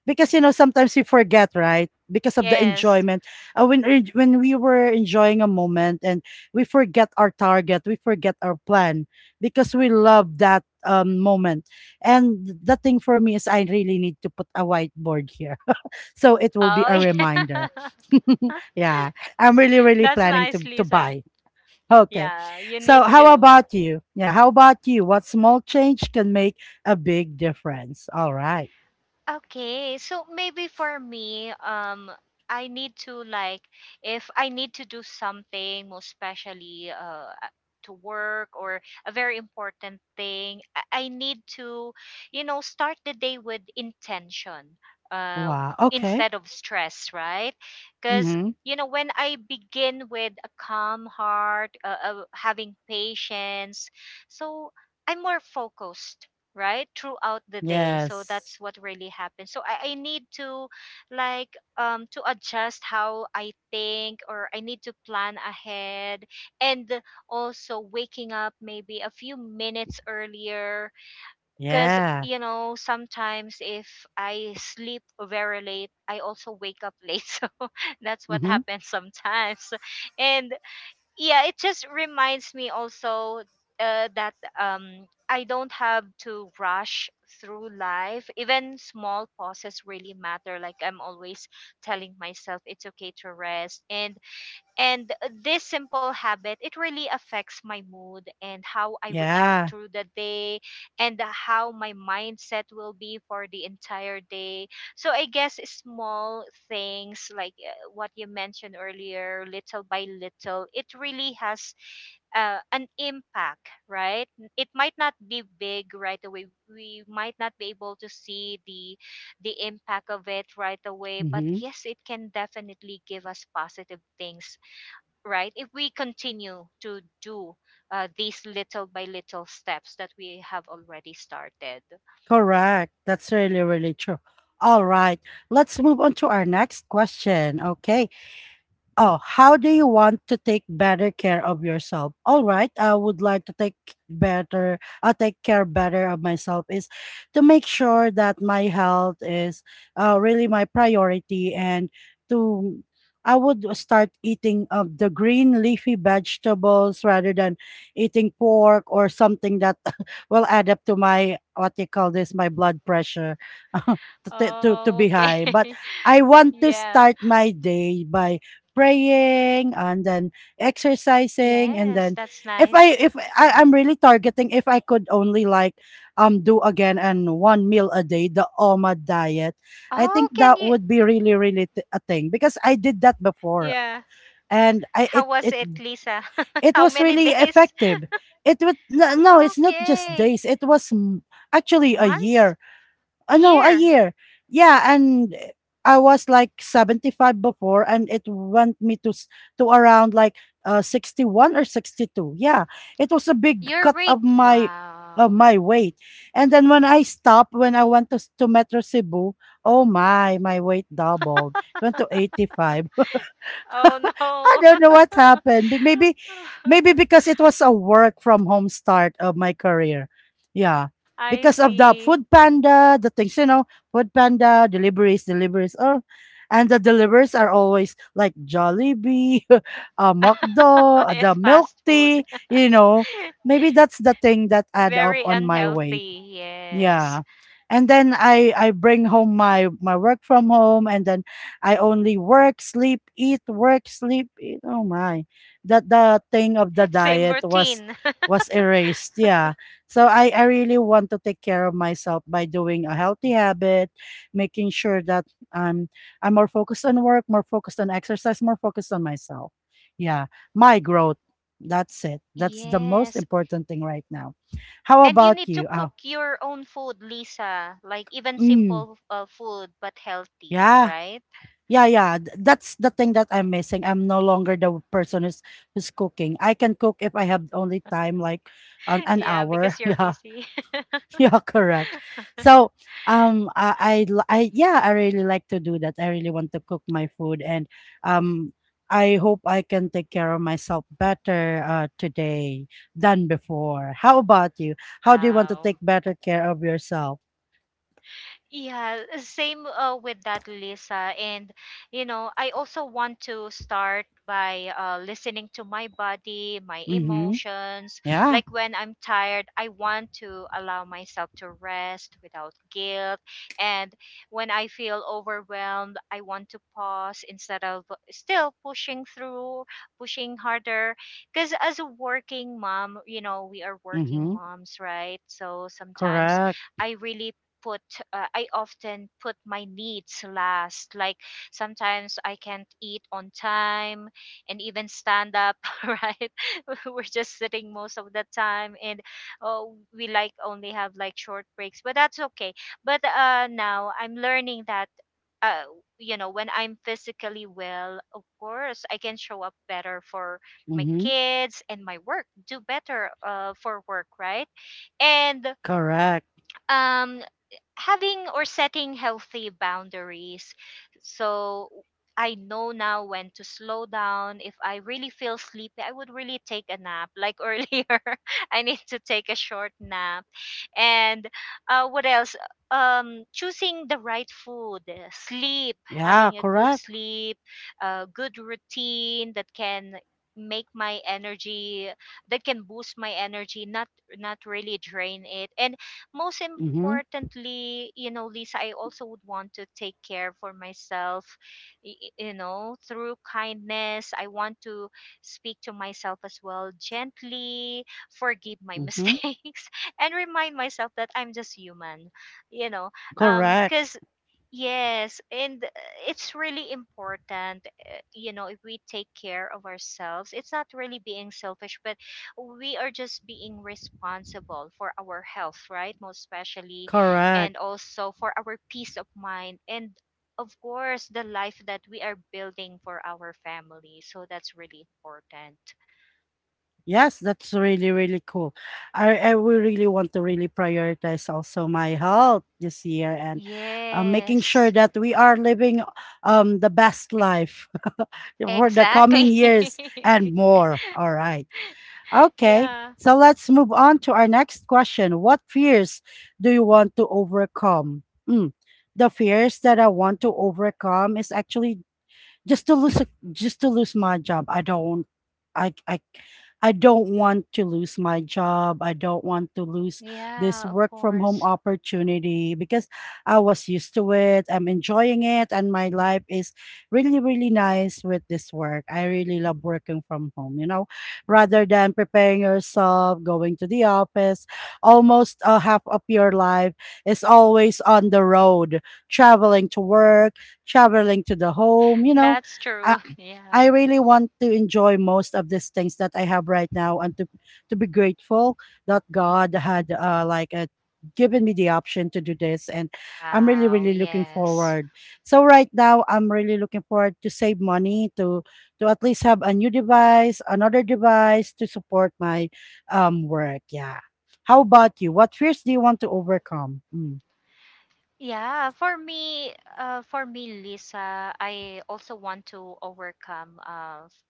because you know, sometimes you forget, right, because of the
Yes.
enjoyment, uh, when when we were enjoying a moment and we forget our target, we forget our plan, because we love that moment. And the thing for me is I really need to put a whiteboard here so it will be
Oh,
a reminder.
yeah.
Yeah, I'm really really
That's
planning
nice,
to
Lisa.
buy. Okay.
Yeah, you
So
need
how
to.
about you? Yeah, how about you? What small change can make a big difference? All right.
Okay, so maybe for me, I need to, like, if I need to do something, most especially to work or a very important thing, I need to, you know, start the day with intention, uh,
Wow, okay.
instead of stress, right? Because,
Mm-hmm.
you know, when I begin with a calm heart, having patience, so I'm more focused right throughout the day. So
Yes.
that's what really happens. So I need to, like, um, to adjust how I think, or I need to plan ahead, and also waking up maybe a few minutes earlier, because,
Yeah.
you know, sometimes if I sleep very late, I also wake up late. So that's what
Mm-hmm.
happens sometimes. And yeah, it just reminds me also that um, I don't have to rush through life. Even small pauses really matter. Like, I'm always telling myself it's okay to rest. And this simple habit, it really affects my mood and how I react
Yeah.
through the day, and how my mindset will be for the entire day. So I guess small things, like what you mentioned earlier, little by little, it really has an impact, right? It might not be big right away. We might not be able to see the impact of it right away, but
Mm-hmm.
yes, it can definitely give us positive things right if we continue to do these little by little steps that we have already started.
Correct. That's really, really true. All right. Let's move on to our next question. Okay. Oh, how do you want to take better care of yourself? All right, I would like to take better, I take care better of myself, is to make sure that my health is really my priority, and to, I would start eating of the green leafy vegetables rather than eating pork or something that will add up to my, what you call this, my blood pressure,
Oh,
to be
okay.
high. But I want to
Yeah.
start my day by praying, and then exercising, and
Yes,
then
that's
if
nice.
I, I'm really targeting if I could only like do again and one meal a day, the OMA diet, I
Oh,
think
can
that
you,
would be really, really a thing, because I did that before,
yeah,
and I
how
it
was
it
it, Lisa?
it
How
was
many
really
days?
effective. It would, no, no, it's not just
Okay.
days. It was actually a
Months.
year.
A
No, a
year.
year. Yeah, and I was like 75 before, and it went me to to around like 61 or 62. Yeah, it was a big
Your
cut
rate,
of
wow.
my weight. And then when I stopped, when I went to to Metro Cebu, oh my, my weight doubled. It went to 85.
Oh
I don't know what
no.
happened. But maybe, maybe because it was a work from home start of my career. Yeah,
I
because of the
see.
Food Panda, the things you know, Food Panda deliveries, deliveries, oh, and the deliveries are always like Jollibee, McDo, the
It's
milk
fast food.
tea. You know, maybe that's the thing that add up
Very
on my weight.
unhealthy. Yes.
Yeah. And then I bring home my work from home, and then I only work, sleep, eat, work, sleep, eat. Oh my. That, the thing of the
Same
diet,
routine.
was erased. Yeah. So I really want to take care of myself by doing a healthy habit, making sure that I'm I'm more focused on work, more focused on exercise, more focused on myself. Yeah. My growth. That's it. That's the most
Yes.
important thing right now. How
And you
about
need to
you?
cook your own food, Lisa. Like even
Uh,
simple food, but healthy,
Yeah.
right?
Yeah, yeah. That's the thing that I'm missing. I'm no longer the person who's cooking. I can cook if I have only time like an
Yeah,
hour.
because you're
Yeah.
busy.
Yeah, correct. So, I yeah, I really like to do that. I really want to cook my food, and um I hope I can take care of myself better today than before. How about you? How do you want to take
Wow.
better care of yourself?
Yeah, same with that, Lisa. And, you know, I also want to start by listening to my body, my
Mhm.
emotions.
Yeah.
Like when I'm tired, I want to allow myself to rest without guilt. And when I feel overwhelmed, I want to pause instead of still pushing through, pushing harder. Because as a working mom, you know, we are
Mhm.
working moms, right? So sometimes
Correct.
I really put I often put my needs last, like sometimes I can't eat on time and even stand up. Right. We're just sitting most of the time, and oh, we like only have like short breaks, but that's okay. But now I'm learning that uh you know, when I'm physically well, of course I can show up better for my
Mhm.
kids and my work, do better for work, right? And
Correct.
um, having or setting healthy boundaries. So I know now when to slow down. If I really feel sleepy, I would really take a nap. Like earlier, I need to take a short nap. And what else? Choosing the right food, sleep,
Yeah,
having a good
correct.
sleep, a good routine that can make my energy, that can boost my energy, not not really drain it. And most
Mm-hmm.
importantly, you know, Lisa, I also would want to take care for myself, you know, through kindness. I want to speak to myself as well gently, forgive my
Mm-hmm.
mistakes, and remind myself that I'm just human, you know,
Correct.
because yes, and it's really important, you know, if we take care of ourselves. It's not really being selfish, but we are just being responsible for our health, right? Most especially,
Correct.
and also for our peace of mind. And of course, the life that we are building for our family. So that's really important.
Yes, that's really, really cool. I will really want to really prioritize also my health this year, and making sure
Yes,
that we are living the best life for the coming
exactly.
years and more. All right. Okay.
Yeah,
So let's move on to our next question. What fears do you want to overcome? Mm, the fears that I want to overcome is actually just to lose a, just to lose my job. I I don't want to lose my job, I don't want to lose this
yeah, of
work from home
course.
opportunity, because I was used to it, I'm enjoying it, and my life is really really nice with this work. I really love working from home, you know, rather than preparing yourself going to the office, almost half of your life is always on the road, traveling to work, traveling to the home, you know.
That's true.
I,
Yeah.
I really want to enjoy most of these things that I have right now, and to be grateful that God had given me the option to do this. And I'm really
Wow,
really looking
yes.
forward. So right now I'm really looking forward to save money, to at least have a new device, another device to support my work. Yeah. How about you? What fears do you want to overcome? Mm.
Yeah, for me, Lisa, I also want to overcome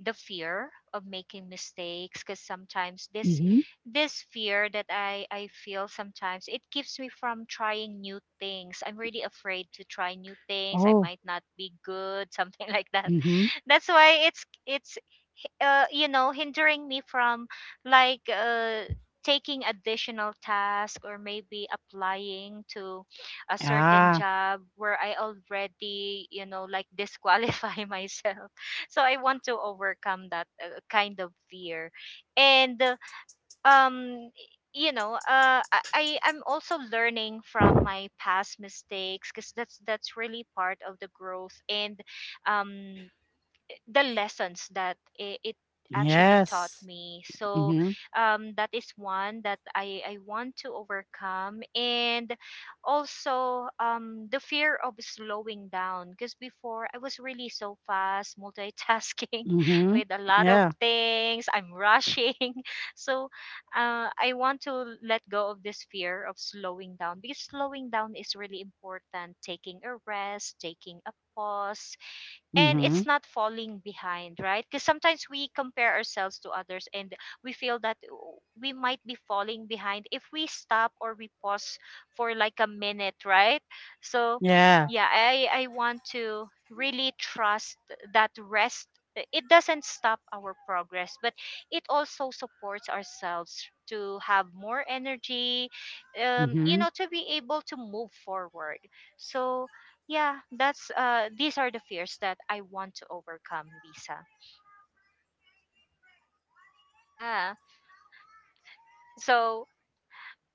the fear of making mistakes, because sometimes this
Mhm.
fear that I feel sometimes, it keeps me from trying new things. I'm really afraid to try new things. I
Oh.
might not be good, something like that.
Mhm.
That's why it's you know, hindering me from like taking additional tasks or maybe applying to a certain
Ah.
job where I already, you know, like disqualify myself. So I want to overcome that kind of fear. And um, you know, I'm also learning from my past mistakes, because that's really part of the growth. And um, the lessons that it actually taught
Yes.
me. So
Mhm.
that is one that I want to overcome. And also the fear of slowing down, because before I was really so fast, multitasking
Mhm.
with a lot of
Yeah.
things. I'm rushing. So I want to let go of this fear of slowing down, because slowing down is really important. Taking a rest, taking a pause, and it's
Mhm.
not falling behind, right? Because sometimes we compare ourselves to others, and we feel that oh, we might be falling behind if we stop or we pause for like a minute, right? So
Yeah.
yeah, I want to really trust that rest, it doesn't stop our progress, but it also supports ourselves to have more energy, you know,
Mhm.
to be able to move forward. So yeah, that's these are the fears that I want to overcome, Lisa. Yeah. So,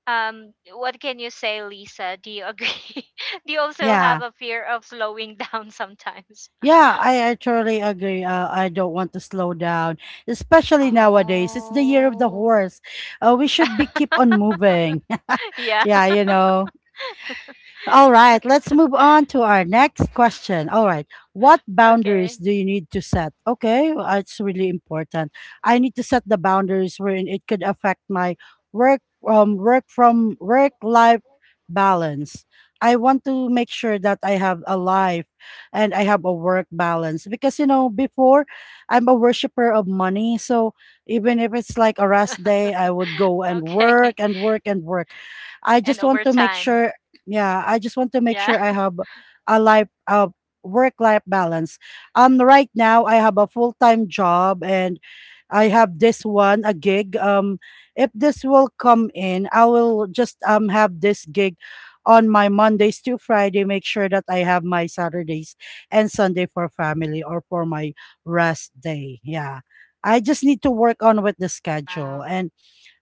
um, what can you say, Lisa? Do you agree? Do you also
Yeah.
have a fear of slowing down sometimes?
Yeah, I totally agree. I don't want to slow down, especially nowadays. It's the year of the
Oh.
horse. We should be keep on moving.
Yeah.
Yeah, you know. All right, let's move on to our next question. All right, what
Okay.
boundaries do you need to set? Okay, well, it's really important. I need to set the boundaries wherein it could affect my work, work from, work life balance. I want to make sure that I have a life and I have a work balance, because you know, before I'm a worshiper of money, so even if it's like a rest day, I would go and
Okay.
work and work and work. I
And
just
over
want to make
time.
sure, yeah, I just want to make
Yeah.
sure I have a life, a work life balance. Right now I have a full-time job, and I have this one, a gig. If this will come in, I will just have this gig on my Mondays to Friday, make sure that I have my Saturdays and Sunday for family or for my rest day. Yeah, I just need to work on with the schedule,
Wow.
and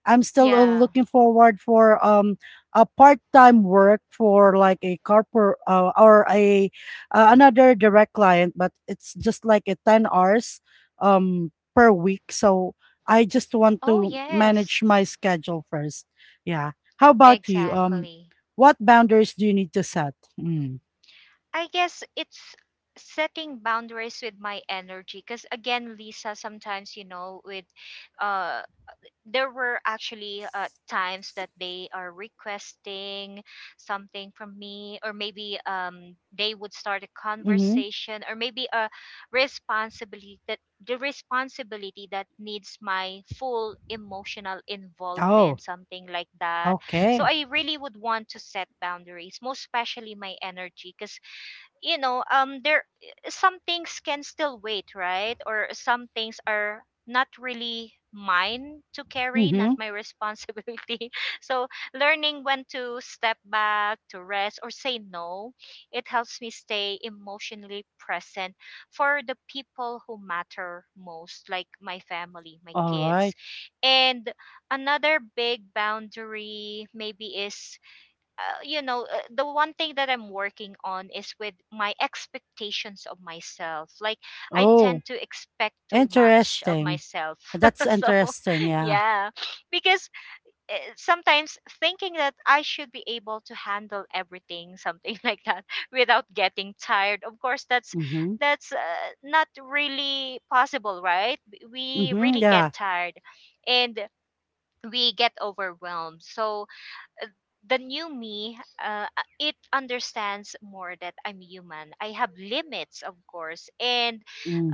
I'm still
Yeah.
looking forward for a part-time work for like a corporate or a another direct client, but it's just like a 10 hours per week. So I just want
Oh,
to
yes.
manage my schedule first. Yeah. How about you?
Exactly.
What boundaries do you need to set? Mm.
I guess it's setting boundaries with my energy, because again, Lisa, sometimes you know, with uh there were actually times that they are requesting something from me, or maybe um, they would start a
Mm-hmm.
conversation or maybe a responsibility that the responsibility that needs my full emotional
Oh,
involvement, something like that. So
okay.
I really would want to set boundaries, most especially my energy, because you know, um, there some things can still wait, right? Or some things are not really mine to carry, not
Mm-hmm.
my responsibility. So learning when to step back to rest or say no, it helps me stay emotionally present for the people who matter most, like my family, my
All
kids.
right.
And another big boundary maybe is you know, the one thing that I'm working on is with my expectations of myself. Like I
Oh,
tend to expect too much of
interesting.
myself.
That's
So
interesting. Yeah.
yeah, because sometimes thinking that I should be able to handle everything, something like that, without getting tired, of course. That's
Mm-hmm.
not really possible, right? We
Mhm,
really get
yeah.
tired and we get overwhelmed. So uh, the new me, it understands more that I'm human, I have limits, of course. And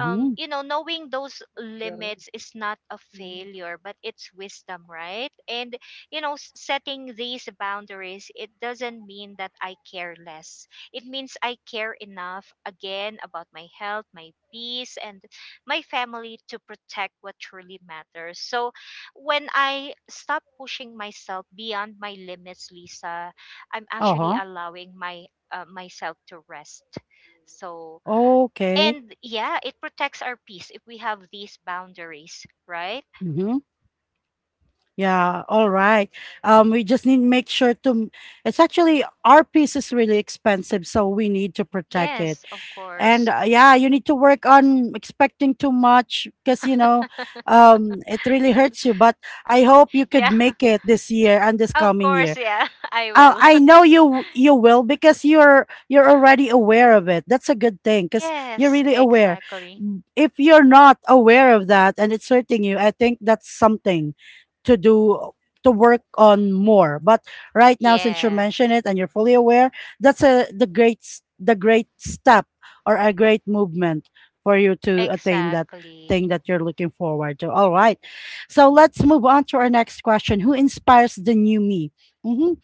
you know, knowing those limits is not a failure, but it's wisdom, right? And you know, setting these boundaries, it doesn't mean that I care less, it means I care enough again about my health, my peace, and my family, to protect what truly matters. So when I stop pushing myself beyond my limits, Lisa, I'm actually
Uh-huh.
allowing my myself to rest. So,
Okay.
and yeah, it protects our peace if we have these boundaries, right?
Mhm. Yeah, all right. Um, we just need to make sure to it's actually our piece is really expensive, so we need to protect it.
Yes, of
And
course.
yeah, you need to work on expecting too much, because you know, it really hurts you, but I hope you could
Yeah,
make it this year and this
of
coming
course,
year.
yeah, I
Uh,
will.
I know you, you will, because you're already aware of it. That's a good thing because you're
Yes,
really aware.
exactly.
Mm, if you're not aware of that and it's hurting you, I think that's something to do, to work on more. But right now, since you
Yeah,
mentioned it and you're fully aware, that's a the great s- the great step or a great movement for you to attain that thing
exactly.
that you're looking forward to. All right, so let's move on to our next question. Who inspires the new me? Mhm.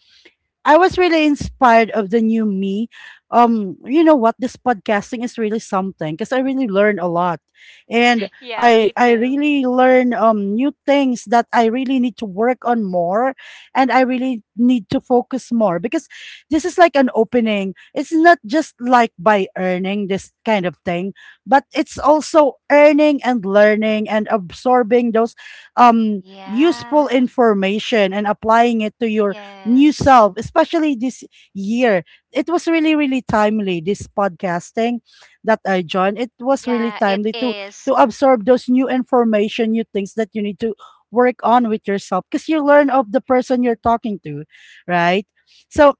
I was really inspired of the new me. You know what? This podcasting is really something because I really learned a lot, and
Yeah, me
I
too.
really learn new things that I really need to work on more, and I really need to focus more because this is like an opening. It's not just like by earning this kind of thing, but it's also earning and learning and absorbing those useful
Yeah,
information and applying it to your new
yes.
self, especially this year. It was really, really timely, this podcasting that I joined. It was really
Yeah, it
timely to
is.
to absorb those new information, new things that you need to work on with yourself because you learn of the person you're talking to, right? So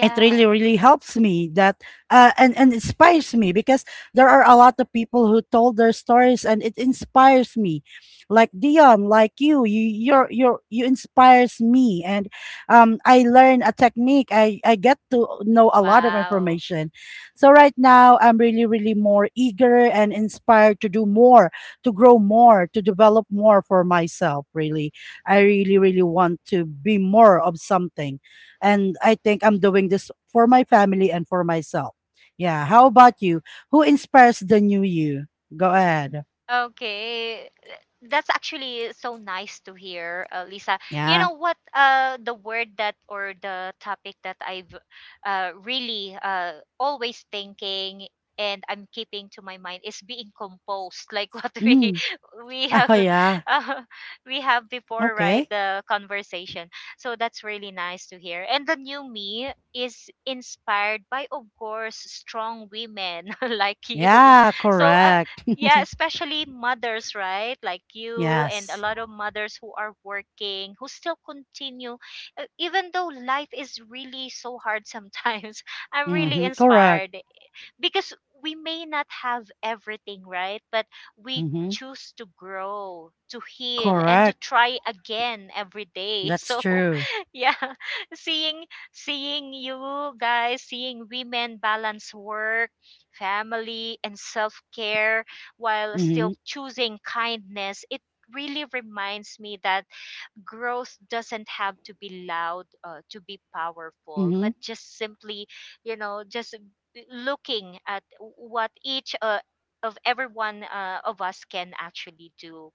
it really really helps me that and inspires me because there are a lot of people who told their stories and it inspires me like dion, like you're, you inspires me, and I learn a technique. I get to know a lot of
Wow.
information, so right now I'm really really more eager and inspired to do more, to grow more, to develop more for myself. Really, I really really want to be more of something, and I think I'm doing this for my family and for myself. Yeah. How about you? Who inspires the new you? Go ahead.
Okay. Th- That's actually so nice to hear, Lisa. You
Yeah.
know what? The word that or the topic that I've really always thinking, and I'm keeping to my mind is being composed, like what we
Mm.
we have
Oh yeah.
uh, we have before, right?
Okay.
The conversation. So that's really nice to hear. And the new me is inspired by, of course, strong women like you.
Yeah.
So
Correct.
yeah, especially mothers, right? Like you and a
Yes.
lot of mothers who are working, who still continue, even though life is really so hard sometimes. I'm really
Mm-hmm. Correct.
inspired because we may not have everything, right? But we
Mm-hmm.
choose to grow, to heal, and to
Correct.
try again every day.
That's
So,
true.
yeah, seeing seeing you guys, seeing women balance work, family, and self care while still
Mm-hmm.
choosing kindness, it really reminds me that growth doesn't have to be loud to be powerful,
Mm-hmm.
but just simply, you know, just looking at what each of everyone of us can actually do.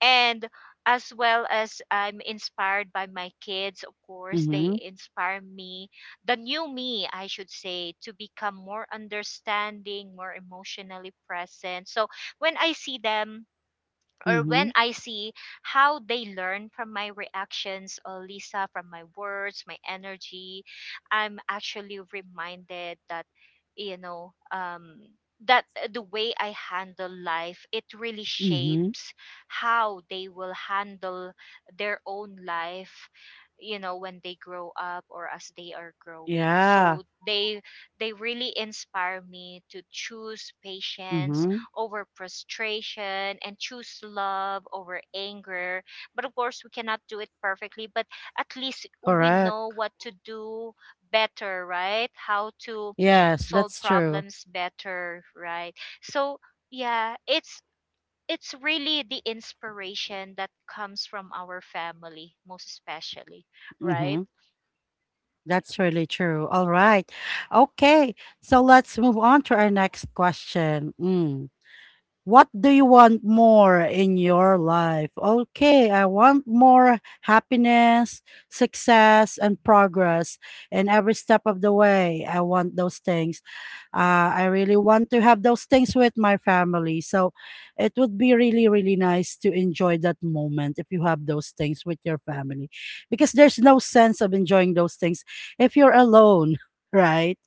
And as well, as I'm inspired by my kids, of course they
Mm-hmm.
inspire me, the new me, I should say, to become more understanding, more emotionally present. So when I see them, or
Mm-hmm.
when I see how they learn from my reactions, or Lisa, from my words, my energy, I'm actually reminded that, you know, that the way I handle life, it really
Mm-hmm.
shapes how they will handle their own life, you know, when they grow up or as they are growing.
Yeah.
So they really inspire me to choose patience
Mm-hmm.
over frustration, and choose love over anger. But of course, we cannot do it perfectly, but at least we know
Correct.
what to do better, right? How to
Yes,
solve
that's true.
problems better, right? So, yeah, it's really the inspiration that comes from our family, most especially, right?
Mm-hmm. That's really true. All right. Okay. So let's move on to our next question. Mm. What do you want more in your life? Okay. I want more happiness, success, and progress in every step of the way. I want those things. I really want to have those things with my family. So it would be really, really nice to enjoy that moment if you have those things with your family, because there's no sense of enjoying those things if you're alone, right?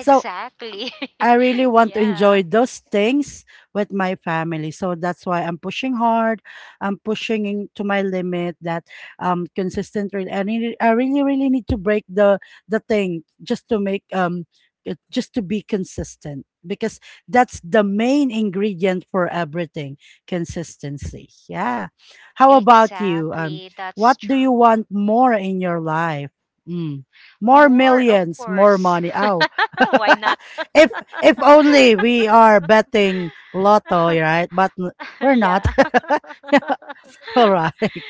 So I really want to
Yeah.
enjoy those things with my family. So that's why I'm pushing hard. I'm pushing in to my limit that I really really need to break the thing just to make just to be consistent because that's the main ingredient for everything. Consistency, yeah. How about you?
Exactly, that's
What do you
true.
want more in your life? Mm. More
More, of
millions, more
course.
money. Oh,
Oh, why not?
if only we are betting lotto, right? But n- we're not.
Yeah.
All right.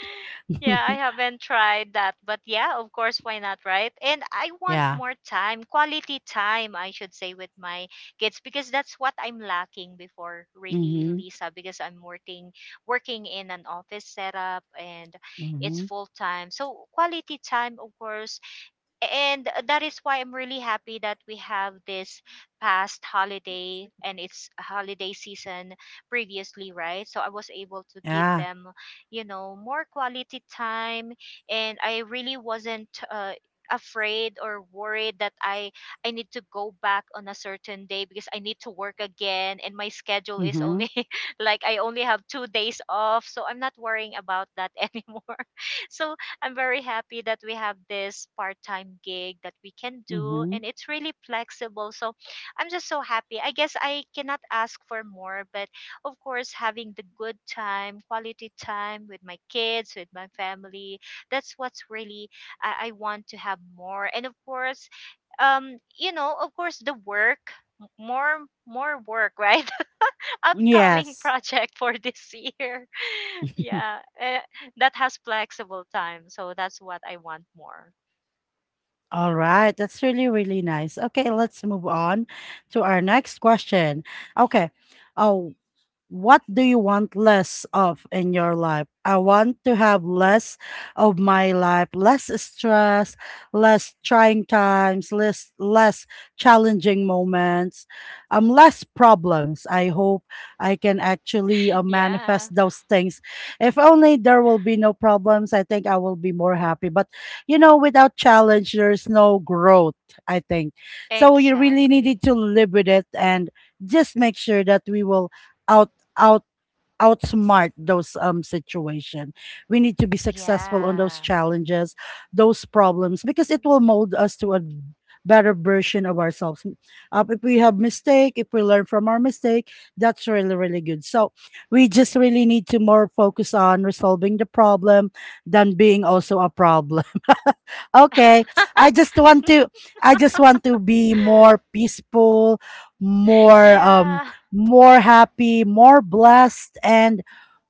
Yeah, I haven't tried that, but yeah, of course, why not, right? And I want
Yeah.
more time, quality time, I should say, with my kids, because that's what I'm lacking before, really,
Mhm.
Lisa, because I'm working, working in an office setup, and it's
Mhm.
full time. So quality time, of course, and that is why I'm really happy that we have this past holiday, and it's holiday season previously, right? So I was able to
Yeah.
give them, you know, more quality time, and I really wasn't afraid or worried that I need to go back on a certain day because I need to work again, and my schedule is
Mhm.
only like I only have 2 days off, so I'm not worrying about that anymore. So I'm very happy that we have this part-time gig that we can do,
Mhm.
and it's really flexible. So I'm just so happy. I guess I cannot ask for more, but of course, having the good time, quality time with my kids, with my family, that's what's really I want to have more. And of course, you know, of course the work, more work right, upcoming
Yes.
project for this year. Yeah, eh, that has flexible time. So that's what I want more.
All right. That's really really nice. Okay, let's move on to our next question. Okay. Oh, what do you want less of in your life? I want to have less of my life, less stress, less trying times, less challenging moments, less problems. I hope I can actually
Yeah,
manifest those things. If only there will be no problems, I think I will be more happy. But you know, without challenge, there's no growth, I think so. You really
exactly.
needed to live with it and just make sure that we will outgrow out outsmart those situation. We need to be successful on those
Yeah.
challenges, those problems, because it will mold us to a better version of ourselves. Uh, if we have mistake, if we learn from our mistake, that's really really good. So we just really need to more focus on resolving the problem than being also a problem. Okay. i just want to I just want to be more peaceful, more
Yeah.
more happy, more blessed, and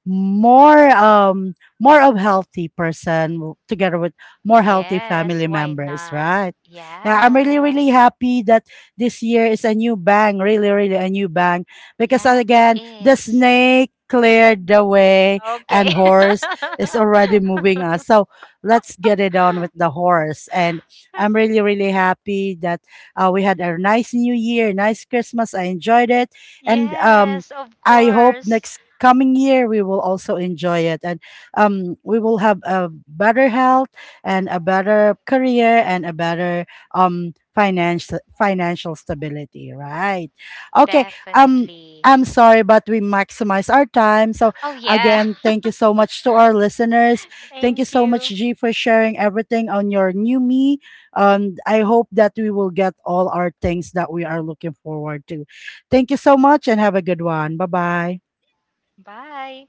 more more of healthy person, together with more healthy
Yes,
family
why
members,
not?
right? Yeah, I'm really
Yeah.
really happy that this year is a new bang, really really a new bang, because
Yeah, it
again, the
is.
snake cleared the way
Okay.
and horse is already moving us. So let's get it on with the horse. And I'm really really happy that we had a nice new year, nice Christmas. I enjoyed it. And
Yes, of
I hope
course.
next coming year we will also enjoy it, and we will have a better health and a better career and a better financial stability, right? Okay. um
Definitely.
I'm sorry, but we maximize our time. So,
Oh, yeah.
again, thank you so much to our listeners. Thank you
Thank
so
you.
much, G, for sharing everything on your new me. I hope that we will get all our things that we are looking forward to. Thank you so much and have a good one. Bye bye.
Bye.